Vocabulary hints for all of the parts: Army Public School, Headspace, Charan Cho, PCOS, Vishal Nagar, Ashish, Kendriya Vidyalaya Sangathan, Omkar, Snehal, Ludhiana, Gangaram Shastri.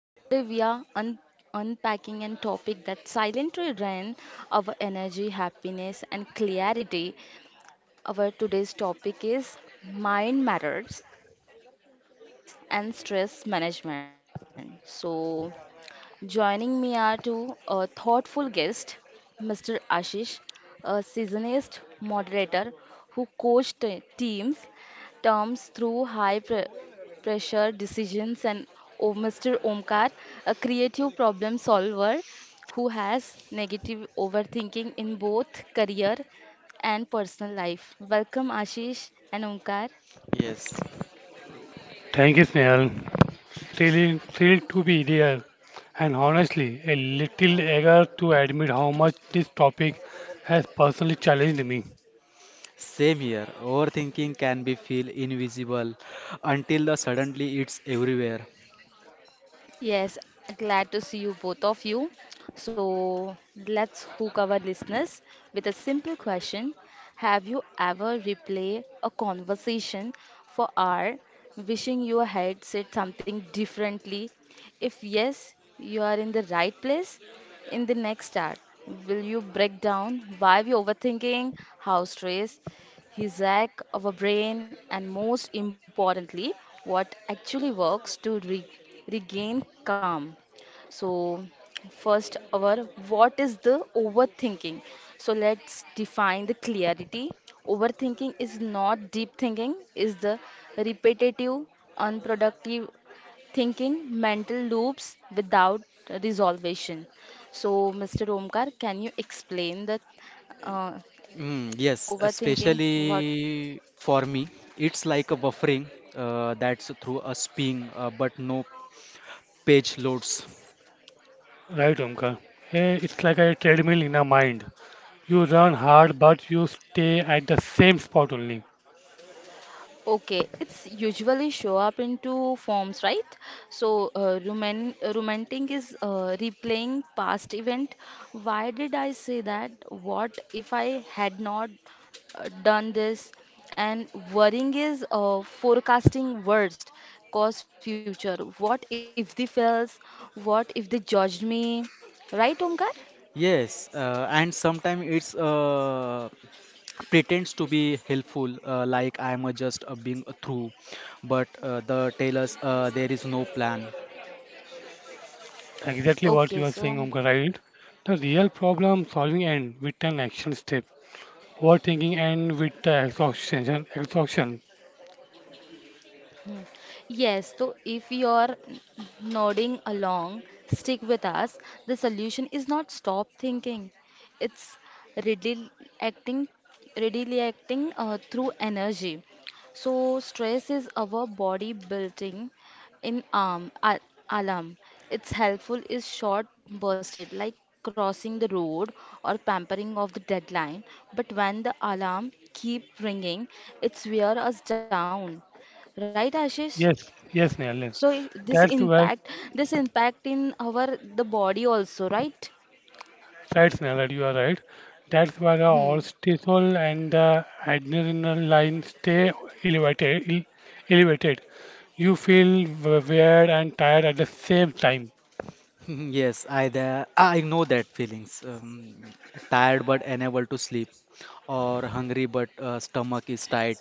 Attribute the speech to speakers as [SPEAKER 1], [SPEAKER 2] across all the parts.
[SPEAKER 1] and today we are unpacking a topic that silently drains our energy, happiness, and clarity. Our today's topic is mind matters, overthinking, and stress management. So, joining me are two thoughtful guests, Mr. Ashish, a seasonist moderator who coached teams terms through high pressure decisions, and Mr. Omkar, a creative problem solver who has negative overthinking in both career and personal life. Welcome, Ashish and Omkar.
[SPEAKER 2] Yes,
[SPEAKER 3] Thank you, Snehal. Thrilled to be there, and honestly, a little eager to admit how much this topic has personally challenged me.
[SPEAKER 2] same here. Overthinking can be feel invisible until the suddenly it's everywhere.
[SPEAKER 1] Yes, glad to see you both of you. So let's hook our listeners with a simple question. Have you ever replayed a conversation for hour wishing you had said something differently? If yes, you are in the right place. In the next hour, will you break down why we overthinking, how stress, his lack of a brain, and most importantly, what actually works to regain calm. So, first, our what is the overthinking? So, let's define the clarity. Overthinking is not deep thinking, is the repetitive, unproductive thinking, mental loops without resolution. So, Mr. Omkar, can you explain the uh,
[SPEAKER 2] Yes,
[SPEAKER 1] overthinking? What?
[SPEAKER 2] especially for me, it's like a buffering that's through a spin, but no page loads.
[SPEAKER 3] Right, Omkar? It's like a treadmill in a mind. You run hard, but you stay at the same spot only.
[SPEAKER 1] Okay, it's usually show up in two forms, right? So, rumenting is replaying past event. Why did I say that? What if I had not done this? And worrying is forecasting worst, cause future. What if they fails? What if they judged me? Right, Omkar?
[SPEAKER 2] Yes, and sometimes it's pretends to be helpful, like I'm just being through, but the tell us there is no plan.
[SPEAKER 3] Exactly what you are
[SPEAKER 1] Okay,
[SPEAKER 3] saying,
[SPEAKER 1] so.
[SPEAKER 3] Omkar, right? The real problem solving end with an action step. Overthinking end with the exhaustion.
[SPEAKER 1] Mm. Yes, so if you are nodding along, stick with us. The solution is not stop thinking. It's readily acting, readily acting through energy. So stress is our body building in alarm. It's helpful is short bursted like crossing the road or pampering of the deadline. But when the alarm keep ringing, it wear us down. Right, Ashish?
[SPEAKER 3] Yes, yes, Neil,
[SPEAKER 1] So
[SPEAKER 3] yes. That's where
[SPEAKER 1] this impact in our the body also, right?
[SPEAKER 3] right, Snehal, you are right. That's why the
[SPEAKER 1] Hmm.
[SPEAKER 3] cortisol and the adrenaline stay elevated. Elevated. You feel weird and tired at the same time.
[SPEAKER 2] Yes, I there I know that feelings. Tired but unable to sleep, or hungry but stomach is tight,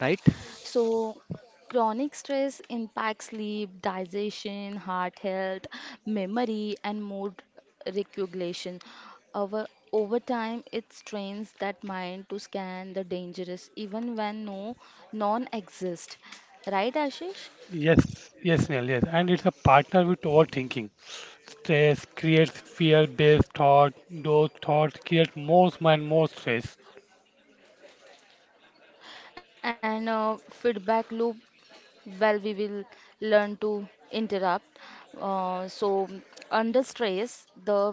[SPEAKER 2] right?
[SPEAKER 1] So chronic stress impacts sleep, digestion, heart health, memory, and mood regulation. Over Over time, it strains that mind to scan the dangerous, even when no non exist, right, Ashish?
[SPEAKER 3] Yes, yes, Snehal, yes. And it's a partner with overthinking. Stress creates fear-based thought. Those thoughts create more and more stress,
[SPEAKER 1] And feedback loop well, we will learn to interrupt. Uh, so, Under stress, the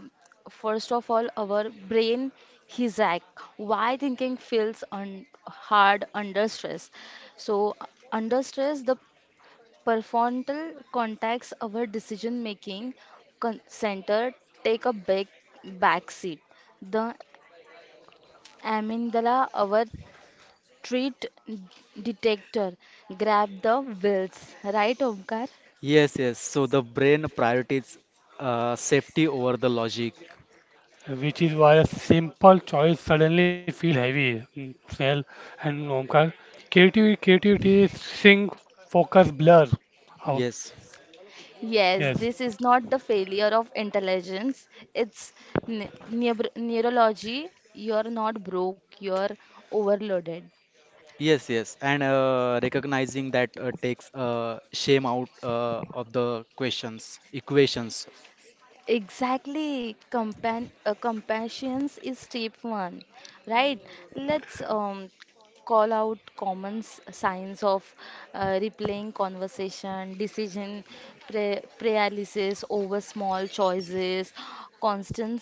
[SPEAKER 1] first of all, our brain hijack. Why thinking feels un hard under stress? So, under stress, the prefrontal contacts our decision making con center take a big back seat. The amygdala, our treat detector, grab the wheels, right, Omkar?
[SPEAKER 2] Yes, yes. So the brain prioritizes safety over the logic.
[SPEAKER 3] which is why a simple choice suddenly feel heavy. Mm, Snell and Omkar. Creativity sink, focus, blur. Oh,
[SPEAKER 2] Yes,
[SPEAKER 1] Yes,
[SPEAKER 3] yes,
[SPEAKER 1] this is not the failure of intelligence. It's neurology. You're not broke, you're overloaded.
[SPEAKER 2] yes, yes. And recognizing that takes shame out of the questions, equations.
[SPEAKER 1] Exactly. Compan Compassion is step one, right? Let's call out common signs of replaying conversation, decision paralysis over small choices, constant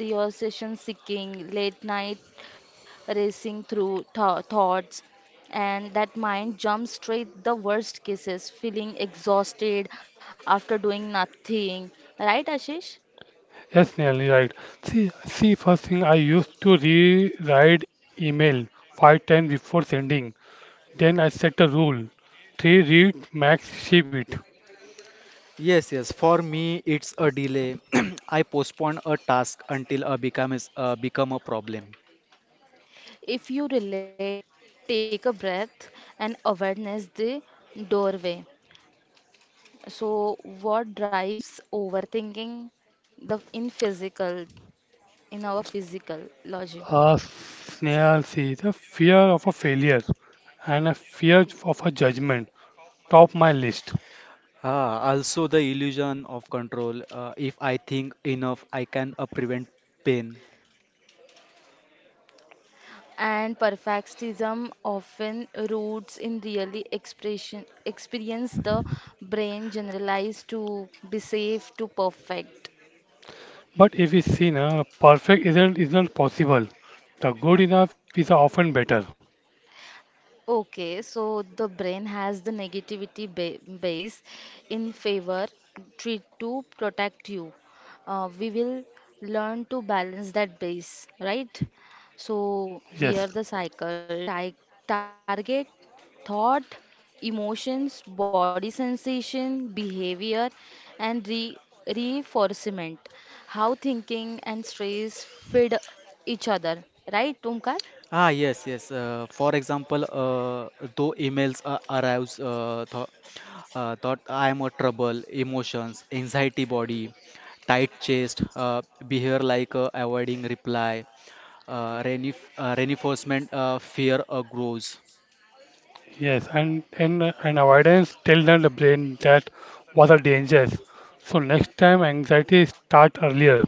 [SPEAKER 1] your seeking, late night racing through thoughts, and that mind jumps straight the worst cases, feeling exhausted after doing nothing. Right, Ashish?
[SPEAKER 3] yes, Snell, you're right. See, see, first thing I used to rewrite email five times before sending. Then I set a rule: three read, max ship it.
[SPEAKER 2] Yes, yes. For me, it's a delay. I postpone a task until become a problem.
[SPEAKER 1] If you relate, take a breath and awareness the doorway. So, what drives overthinking? The in physical, in our physical logic.
[SPEAKER 3] Snell, see, the fear of a failure and a fear of a judgment top my list.
[SPEAKER 2] Ah, also the illusion of control. If I think enough, I can prevent pain.
[SPEAKER 1] And perfectionism often roots in really expression experience the brain generalized to be safe to perfect.
[SPEAKER 3] But if we see now, perfect isn't possible. The good enough is often better.
[SPEAKER 1] Okay, so the brain has the negativity ba base in favor treat to protect you. We will learn to balance that base, right? So
[SPEAKER 3] Yes,
[SPEAKER 1] here the cycle target thought, emotions, body sensation, behavior, and re reinforcement. How thinking and stress feed each other, right, Omkar?
[SPEAKER 2] Yes. For example, though emails arrives, th thought I am a trouble, emotions, anxiety, body, tight chest, behavior like avoiding reply, renif reinforcement, fear grows.
[SPEAKER 3] yes, and avoidance tell them the brain that what are dangers. So next time anxiety start earlier.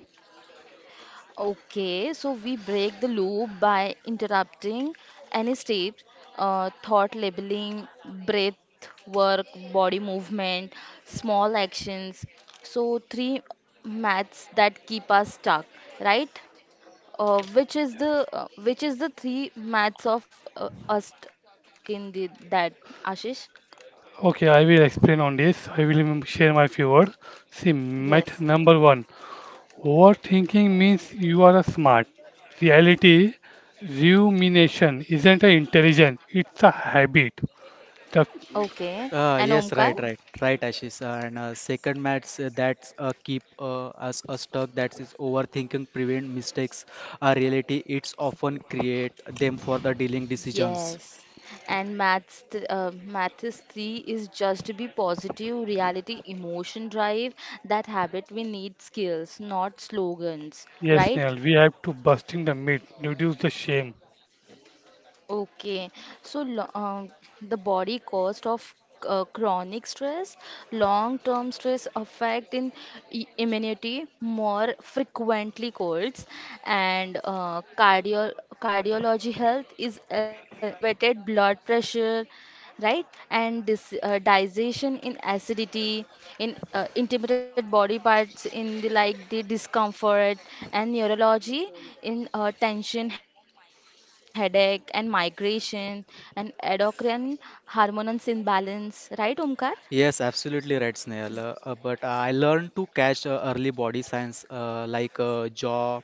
[SPEAKER 1] Okay, so we break the loop by interrupting any step, thought labeling, breath work, body movement, small actions. So, three maths that keep us stuck, right? Which is the three maths of us st stuck in the that Ashish?
[SPEAKER 3] Okay, I will explain on this. I will share my few words. See,
[SPEAKER 1] Yes.
[SPEAKER 3] myth number one: overthinking means you are a smart. Reality, rumination isn't an intelligence; it's a habit. The
[SPEAKER 1] Okay. And
[SPEAKER 2] Yes,
[SPEAKER 1] Omkar?
[SPEAKER 2] right, right, right, Ashish. And second match that's keep us stuck. That is overthinking prevent mistakes. A reality it's often create them for the dealing decisions.
[SPEAKER 1] Yes, and maths, maths three is just to be positive, reality, emotion drive. That habit we need skills, not slogans,
[SPEAKER 3] yes, Neil,
[SPEAKER 1] right?
[SPEAKER 3] we have to busting the myth, reduce the shame.
[SPEAKER 1] Okay, so the body cost of chronic stress, long-term stress affect in immunity, more frequently colds, and cardiology health is elevated blood pressure, right? And this digestion in acidity, in intimidate body parts, in the like the discomfort and neurology, in tension, headache, and migration, and endocrine hormones imbalance, right, Omkar?
[SPEAKER 2] Yes, absolutely right, Snail. But I learned to catch early body signs like jaw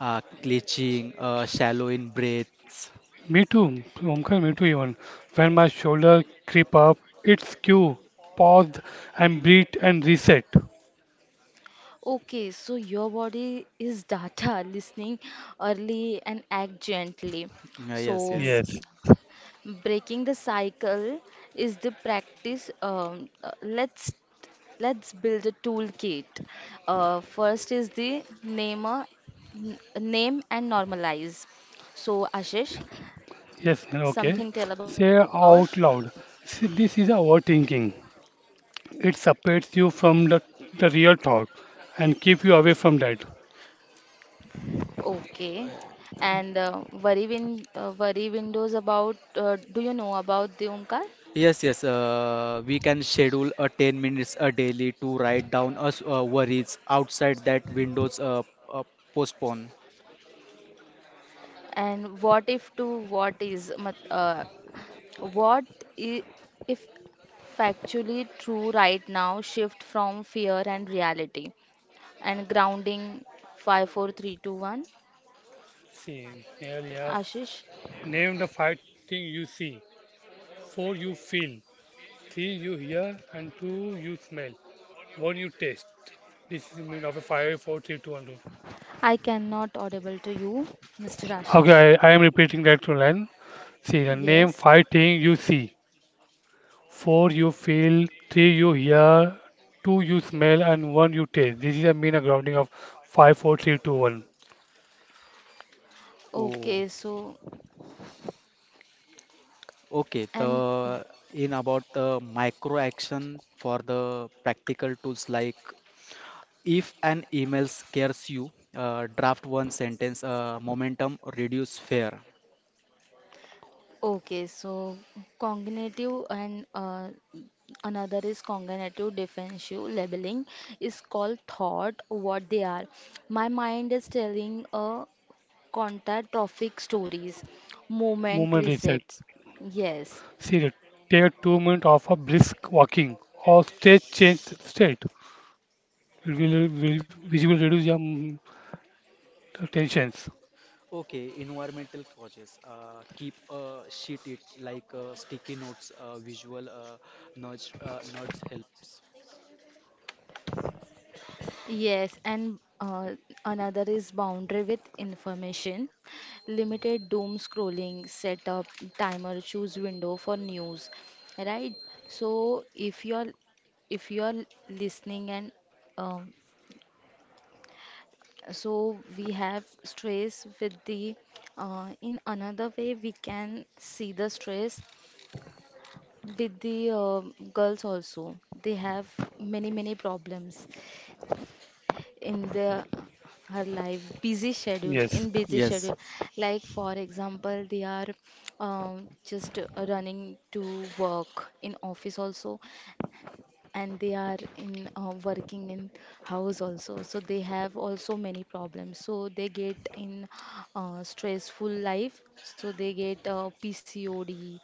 [SPEAKER 2] clenching, shallow in breaths.
[SPEAKER 3] Me too, Omkar, me too even. When my shoulder creep up, it's cue. Pause and breathe and reset.
[SPEAKER 1] Okay, so your body is data listening early and act gently.
[SPEAKER 2] Yes,
[SPEAKER 1] So
[SPEAKER 2] yes.
[SPEAKER 3] Yes,
[SPEAKER 1] breaking the cycle is the practice. Let's build a toolkit. First is the name and normalize. So Ashish,
[SPEAKER 3] yes, Neil, okay.
[SPEAKER 1] something tell
[SPEAKER 3] Say
[SPEAKER 1] about
[SPEAKER 3] out loud. See, this is overthinking. It separates you from the real thought and keep you away from that.
[SPEAKER 1] okay, and worry windows about. Do you know about the Omkar?
[SPEAKER 2] Yes, yes. We can schedule a 10 minutes a daily to write down us worries outside that windows uh, postpone.
[SPEAKER 1] And what if to what is? What i- if factually true right now shift from fear and reality and grounding five, four, three, two, one.
[SPEAKER 3] See, Neil, yeah.
[SPEAKER 1] Ashish,
[SPEAKER 3] Name the five things you see, four you feel, three you hear, and two you smell. What you taste? This is made of a five, four, three, two, one
[SPEAKER 1] I cannot audible to you Mr.
[SPEAKER 3] rule.
[SPEAKER 1] Ashish,
[SPEAKER 3] Okay, I am repeating that to line. See, the
[SPEAKER 1] yes
[SPEAKER 3] name 5 things you see. 4 you feel, 3 you hear, 2 you smell, and 1 you taste. This is a mean a grounding of five, four, three, two, one.
[SPEAKER 1] okay so.
[SPEAKER 2] Oh, okay.
[SPEAKER 1] And
[SPEAKER 2] The in about the micro action for the practical tools like if an email scares you, draft one sentence. Momentum reduce fear.
[SPEAKER 1] okay, so cognitive and another is cognitive defensive labeling is called thought what they are, my mind is telling a contact traffic stories,
[SPEAKER 3] 4, Movement
[SPEAKER 1] moment
[SPEAKER 3] reset.
[SPEAKER 1] resets. Yes,
[SPEAKER 3] See, take 2 minutes of a brisk walking or state change state. It will, which will reduce your tensions.
[SPEAKER 2] Okay, environmental causes. Keep a sheet it like sticky notes. Visual nudge helps.
[SPEAKER 1] yes, and another is boundary with information, limited doom scrolling, set up timer, choose window for news, right? So if you're listening and um, so we have stress with the in another way we can see the stress with the girls also, they have many many problems in their her life, busy schedule
[SPEAKER 3] Yes.
[SPEAKER 1] in busy
[SPEAKER 2] Yes,
[SPEAKER 1] schedule, like for example they are just running to work in office also, and they are in working in house also, so they have also many problems, so they get in stressful life, so they get pcod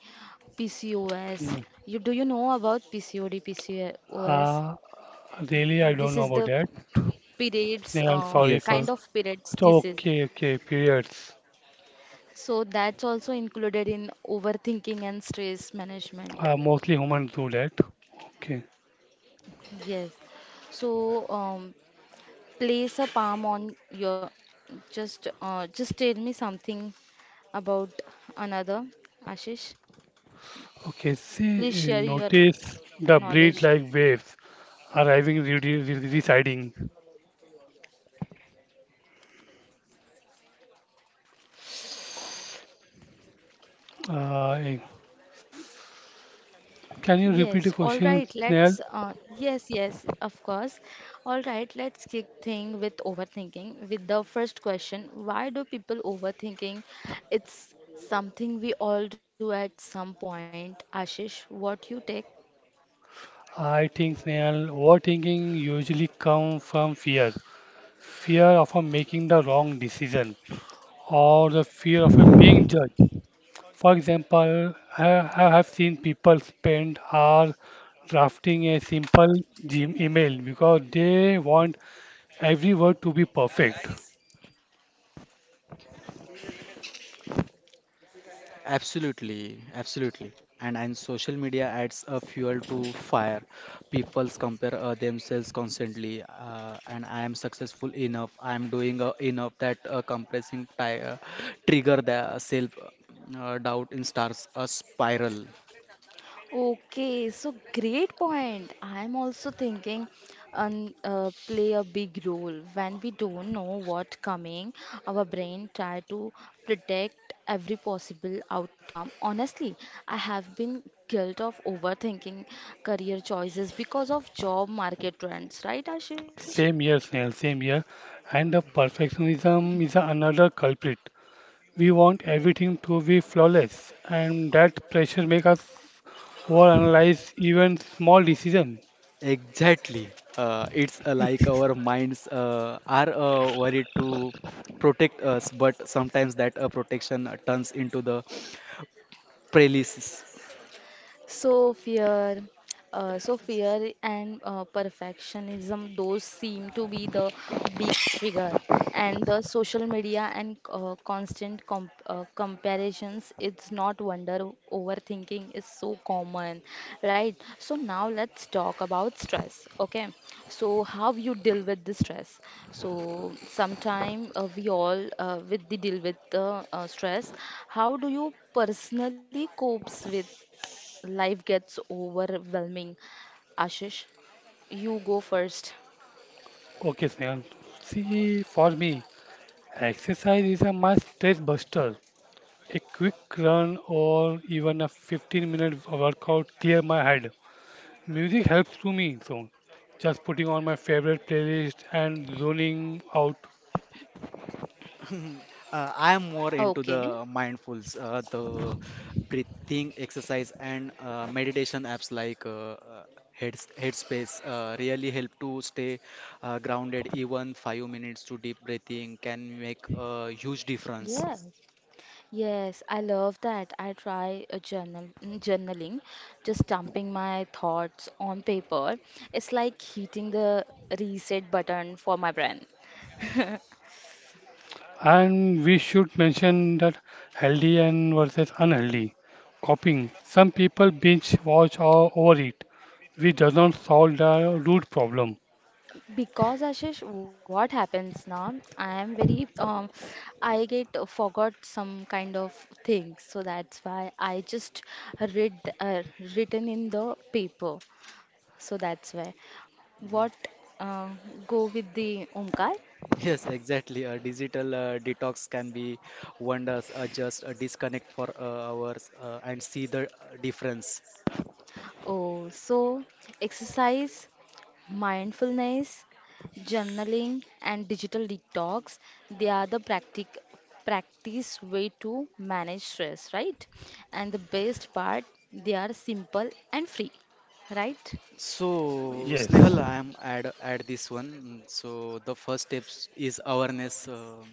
[SPEAKER 3] Mm.
[SPEAKER 1] pcos. You do you know about pcod pcos?
[SPEAKER 3] Uh, really,
[SPEAKER 1] This
[SPEAKER 3] I
[SPEAKER 1] is
[SPEAKER 3] don't
[SPEAKER 1] the
[SPEAKER 3] know about that.
[SPEAKER 1] periods
[SPEAKER 3] Snehal, sorry
[SPEAKER 2] yes,
[SPEAKER 1] kind of
[SPEAKER 3] for
[SPEAKER 2] yes.
[SPEAKER 1] periods
[SPEAKER 3] so,
[SPEAKER 1] disease,
[SPEAKER 3] okay, okay, periods.
[SPEAKER 1] so that's also included in overthinking and stress management.
[SPEAKER 3] Mostly humans do that. Okay,
[SPEAKER 1] Yes. So, place a palm on your, just tell me something about another Ashish,
[SPEAKER 3] okay. See,
[SPEAKER 1] please share your
[SPEAKER 3] notice the breed
[SPEAKER 1] knowledge.
[SPEAKER 3] like waves arriving, re re residing. Uh, eh, can you
[SPEAKER 1] Yes,
[SPEAKER 3] repeat the
[SPEAKER 1] all right,
[SPEAKER 3] question,
[SPEAKER 1] let's
[SPEAKER 3] Snail?
[SPEAKER 1] yes, yes, of course. All right, let's kick thing with overthinking with the first question, why do people overthinking? It's something we all do at some point. Ashish, what you take?
[SPEAKER 3] I think, Snail, overthinking usually comes from fear. Fear of making the wrong decision or the fear of being judged. For example, I have seen people spend hours drafting a simple gym email because they want every word to be perfect.
[SPEAKER 2] Absolutely, absolutely. And social media adds a fuel to fire. People's compare themselves constantly. And I am successful enough. I am doing enough. That trigger the self doubt in stars a spiral.
[SPEAKER 1] Okay, so great point. I'm also thinking play a big role. When we don't know what coming, our brain try to predict every possible outcome. Honestly, I have been guilt of overthinking career choices because of job market trends, right, Ashish?
[SPEAKER 3] Same here, Snail, same here. And the perfectionism is another culprit. We want everything to be flawless, and that pressure makes us overanalyze even small decisions.
[SPEAKER 2] Exactly. It's like our minds are worried to protect us, but sometimes that protection turns into the paralysis.
[SPEAKER 1] So fear, so fear and perfectionism, those seem to be the big trigger. And the social media and constant comparisons, it's not wonder overthinking is so common, right? So now let's talk about stress, okay? So how you deal with the stress? So sometime we all with the deal with the stress. How do you personally copes with? Life gets overwhelming. Ashish, you go first.
[SPEAKER 3] Okay, Snail. See, for me, exercise is a my stress buster. A quick run or even a 15-minute workout clear my head. Music helps to me, so just putting on my favorite playlist and zoning out.
[SPEAKER 2] I am more into
[SPEAKER 1] Okay.
[SPEAKER 2] the mindfuls, the breathing exercise and meditation apps like Headspace really help to stay grounded. Even 5 minutes to deep breathing can make a huge difference.
[SPEAKER 1] Yes, yes, I love that. I try a journal journaling, just dumping my thoughts on paper. It's like hitting the reset button for my brain.
[SPEAKER 3] And we should mention that healthy and versus unhealthy. Copying. Some people binge watch or overeat, which doesn't solve the root problem.
[SPEAKER 1] Because Ashish, what happens now? I am very I get forgot some kind of things, so that's why I just read uh, written in the paper. So that's why. What uh, go with the Omkar?
[SPEAKER 2] Yes, exactly. A digital detox can be wonders. Just disconnect for hours and see the difference.
[SPEAKER 1] Oh, so exercise, mindfulness, journaling, and digital detox. They are the practice way to manage stress, right? And the best part, they are simple and free, right?
[SPEAKER 2] So,
[SPEAKER 3] Yes,
[SPEAKER 2] Snehal, I am add this one. So the first steps is awareness.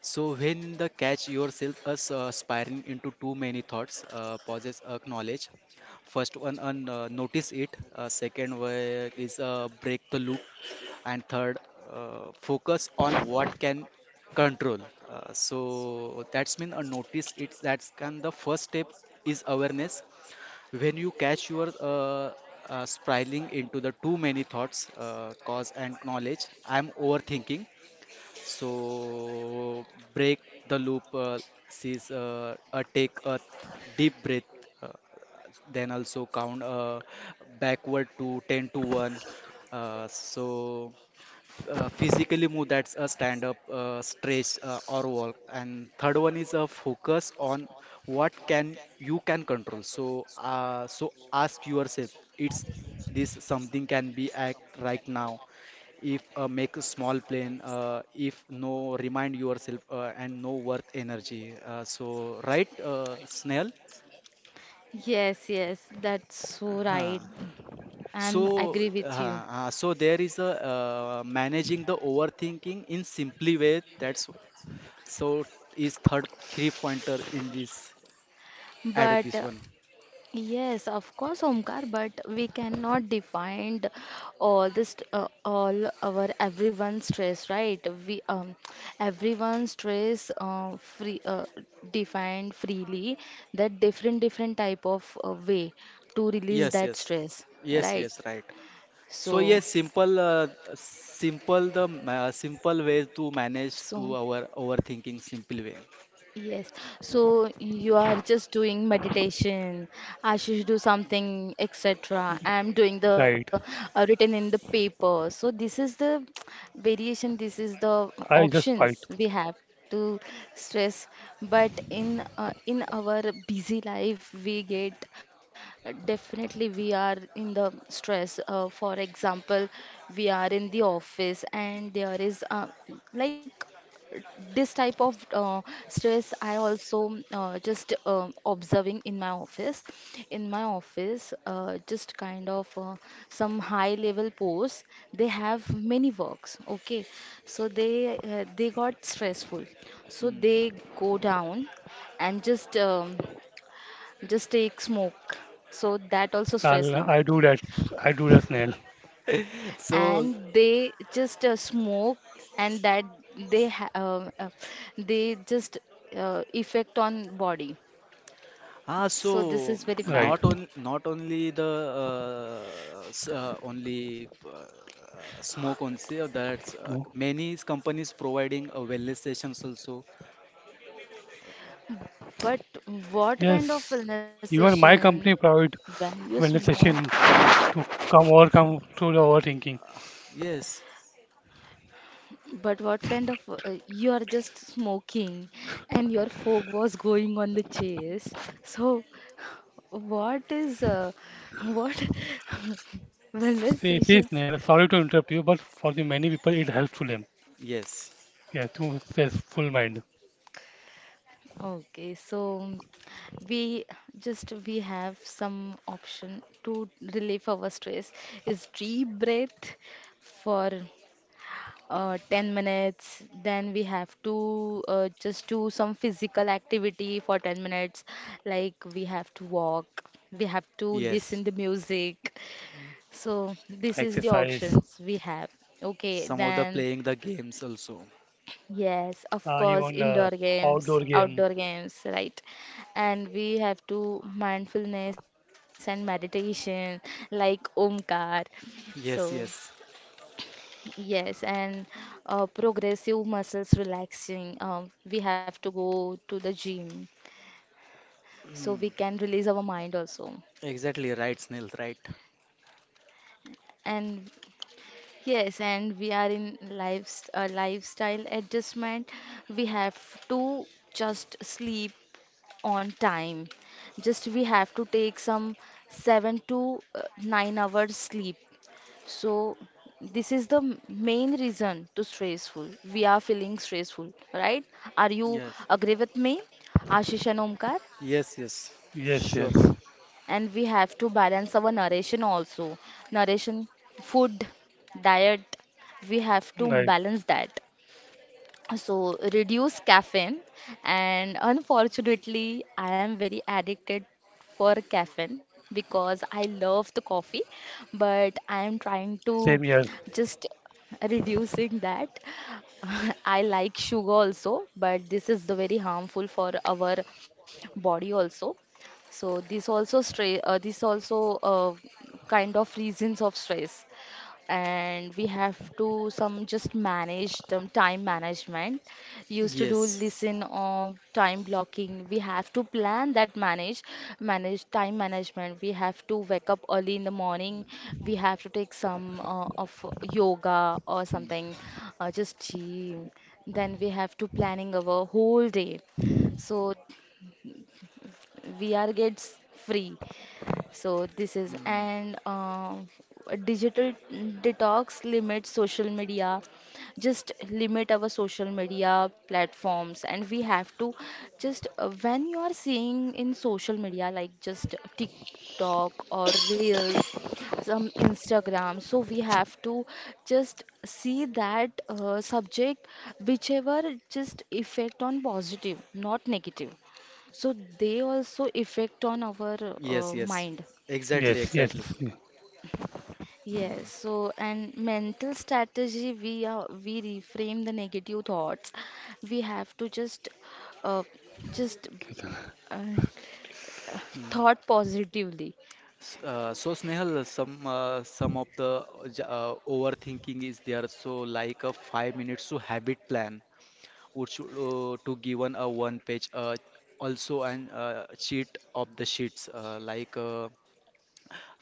[SPEAKER 2] So when in the catch yourself as spiraling into too many thoughts, pauses, acknowledge. First one, notice it. Second way is break the loop, and third, focus on what can control. So that's mean a notice. It's that's can the first step is awareness when you catch your spiraling into the too many thoughts cause and knowledge I'm overthinking, so break the loop, sees take a deep breath, uh, then also count backward to 10 to 1. Uh, so Physically move that's a stand up stretch or walk, and third one is a focus on what can you can control. So so ask yourself it's this something can be act right now. If make a small plan, if no remind yourself and no worth energy, so right snail
[SPEAKER 1] Yes, yes, that's so
[SPEAKER 2] uh
[SPEAKER 1] right. I'm
[SPEAKER 2] So,
[SPEAKER 1] agree with you.
[SPEAKER 2] so there is a managing the overthinking in simply way. That's so is third three pointer in this add
[SPEAKER 1] But
[SPEAKER 2] this one.
[SPEAKER 1] yes, of course, Omkar, but we cannot define the- all this, all our everyone's stress, right? We everyone's stress free defined freely, that different different type of way to release
[SPEAKER 2] Yes,
[SPEAKER 1] that
[SPEAKER 2] yes,
[SPEAKER 1] stress,
[SPEAKER 2] yes,
[SPEAKER 1] right?
[SPEAKER 2] yes, right. So
[SPEAKER 1] So,
[SPEAKER 2] yes, simple, simple the simple ways to manage to
[SPEAKER 1] so.
[SPEAKER 2] our overthinking simple way.
[SPEAKER 1] Yes, so you are just doing meditation. I should do something, etc. I'm doing the
[SPEAKER 3] right.
[SPEAKER 1] written in the paper. So this is the variation. This is the
[SPEAKER 3] I just fight.
[SPEAKER 1] options we have to stress. But in our busy life, we get definitely we are in the stress. For example, we are in the office and there is like this type of stress. I also just observing in my office, in my office just kind of some high level posts, they have many works, okay, so they got stressful, so
[SPEAKER 2] Mm.
[SPEAKER 1] they go down and just take smoke, so that also
[SPEAKER 3] I'll,
[SPEAKER 1] stress now,
[SPEAKER 3] I do that. I do that, Snail.
[SPEAKER 2] So,
[SPEAKER 1] and they just smoke, and that they ha they just effect on body.
[SPEAKER 2] ah, so
[SPEAKER 1] So this is
[SPEAKER 3] Right.
[SPEAKER 1] very bad.
[SPEAKER 2] not only the only smoke only sale. That's many companies providing a wellness sessions also.
[SPEAKER 1] But what kind of
[SPEAKER 3] Yes,
[SPEAKER 1] wellness
[SPEAKER 3] even my
[SPEAKER 1] session
[SPEAKER 3] company provide
[SPEAKER 1] when you smoke?
[SPEAKER 3] wellness session to come overcome through the overthinking.
[SPEAKER 2] Uh, yes,
[SPEAKER 1] But what kind of you are just smoking and your fog was going on the chase. So what is what wellness
[SPEAKER 3] See, see,
[SPEAKER 1] sessions.
[SPEAKER 3] Sneha, sorry to interrupt you, but for the many people, it helps to them.
[SPEAKER 2] yes,
[SPEAKER 3] Yeah, to stress full mind,
[SPEAKER 1] Okay, so we just we have some option to relieve our stress is deep breath for 10 minutes. Then we have to just do some physical activity for 10 minutes, like we have to walk, we have to
[SPEAKER 2] yes.
[SPEAKER 1] listen the music. So this is the
[SPEAKER 3] exercise,
[SPEAKER 1] options we have. Okay,
[SPEAKER 2] Some of the
[SPEAKER 1] then
[SPEAKER 2] playing the games also.
[SPEAKER 1] yes, of course,
[SPEAKER 3] even
[SPEAKER 1] indoor
[SPEAKER 3] outdoor
[SPEAKER 1] games,
[SPEAKER 3] game.
[SPEAKER 1] outdoor games, right? And we have to mindfulness and meditation like Omkar. So,
[SPEAKER 2] Yes, yes.
[SPEAKER 1] yes, and progressive muscles relaxing. We have to go to the gym so we
[SPEAKER 2] Mm,
[SPEAKER 1] can release our mind also.
[SPEAKER 2] exactly right, Snail. Right.
[SPEAKER 1] And yes, and we are in lives lifestyle adjustment. We have to just sleep on time. Just we have to take some 7 to 9 hours sleep. So this is the main reason to stressful. We are feeling stressful, right? Are you
[SPEAKER 2] Yes.
[SPEAKER 1] agree with me, Ashish and Omkar?
[SPEAKER 2] Yes, yes.
[SPEAKER 3] Yes, yes,
[SPEAKER 2] Sure.
[SPEAKER 1] And we have to balance our narration also. Narration, food, diet, we have to
[SPEAKER 3] right.
[SPEAKER 1] balance that. So reduce caffeine, and unfortunately I am very addicted for caffeine because I love the coffee, but I am trying to
[SPEAKER 3] Same here.
[SPEAKER 1] just reducing that. I like sugar also, but this is the very harmful for our body also, so this also stress, this also kind of reasons of stress. And we have to some just manage the time management, used to do
[SPEAKER 2] Yes.
[SPEAKER 1] listen of time blocking, we have to plan that manage, manage time management, we have to wake up early in the morning, we have to take some of yoga or
[SPEAKER 2] Mm,
[SPEAKER 1] something, just gym, then we have to planning our whole day, so we are gets free. So this is
[SPEAKER 2] mm.
[SPEAKER 1] and a digital detox limits social media. Just limit our social media platforms, and we have to just when you are seeing in social media like just TikTok or Reels, some Instagram, so we have to just see that subject whichever just effect on positive, not negative, so they also affect on our
[SPEAKER 2] Yes, yes.
[SPEAKER 1] mind.
[SPEAKER 2] Exactly,
[SPEAKER 3] Yes, yes.
[SPEAKER 2] exactly.
[SPEAKER 1] Yes,
[SPEAKER 2] Mm,
[SPEAKER 1] so and mental strategy we are we reframe the negative thoughts. We have to uh, just
[SPEAKER 3] Yes.
[SPEAKER 1] uh,
[SPEAKER 2] mm.
[SPEAKER 1] thought positively.
[SPEAKER 2] So Snehal, some of the overthinking is there. So like a 5 minutes to habit plan, which to given a one page, also an sheet of the sheets, like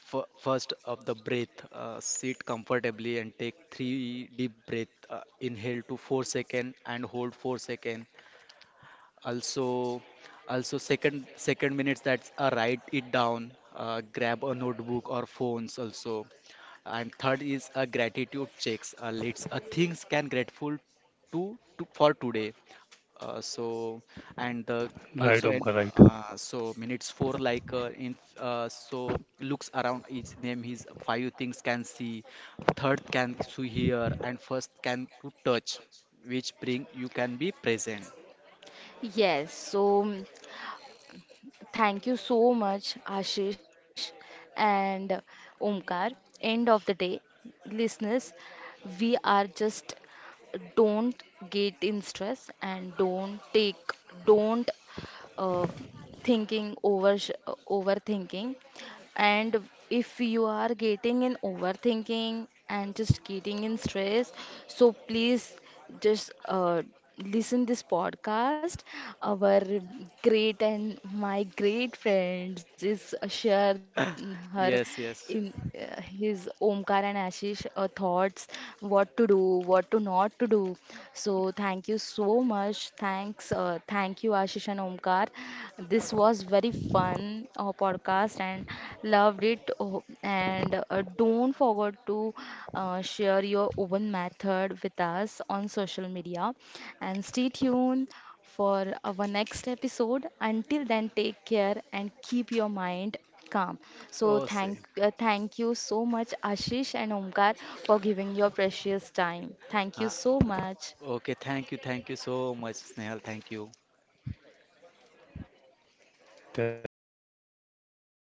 [SPEAKER 2] f first of the breath, sit comfortably and take 3 deep breath. Inhale to four second and hold four second, also second minutes that's write it down, grab a notebook or phones also, and third is a gratitude checks, let's things can grateful to for today, so and the
[SPEAKER 3] Right,
[SPEAKER 2] also, and
[SPEAKER 3] Omkar, right.
[SPEAKER 2] so minutes four like in so looks around each name his five things can see, third can to hear and first can to touch, which bring you can be present.
[SPEAKER 1] Yes, so mm, thank you so much Ashish and Omkar. End of the day, listeners, we are just don't get in stress and don't take don't uh, thinking over overthinking, and if you are getting in overthinking and just getting in stress, so please just listen this podcast, our great and my great friends is share her
[SPEAKER 2] Yes,
[SPEAKER 1] in
[SPEAKER 2] yes.
[SPEAKER 1] his Omkar and Ashish thoughts, what to do, what to not to do. So thank you so much. Thanks, thank you Ashish and Omkar. This was very fun podcast and loved it. Oh, and don't forget to share your own method with us on social media. And stay tuned for our next episode. Until then, take care and keep your mind calm. So
[SPEAKER 2] Oh, see.
[SPEAKER 1] thank you so much Ashish and Omkar for giving your precious time. Thank you
[SPEAKER 2] Uh,
[SPEAKER 1] so much.
[SPEAKER 2] okay, thank you so much, Snehal. Thank you.
[SPEAKER 3] Th- Thank you, Sneha. This was a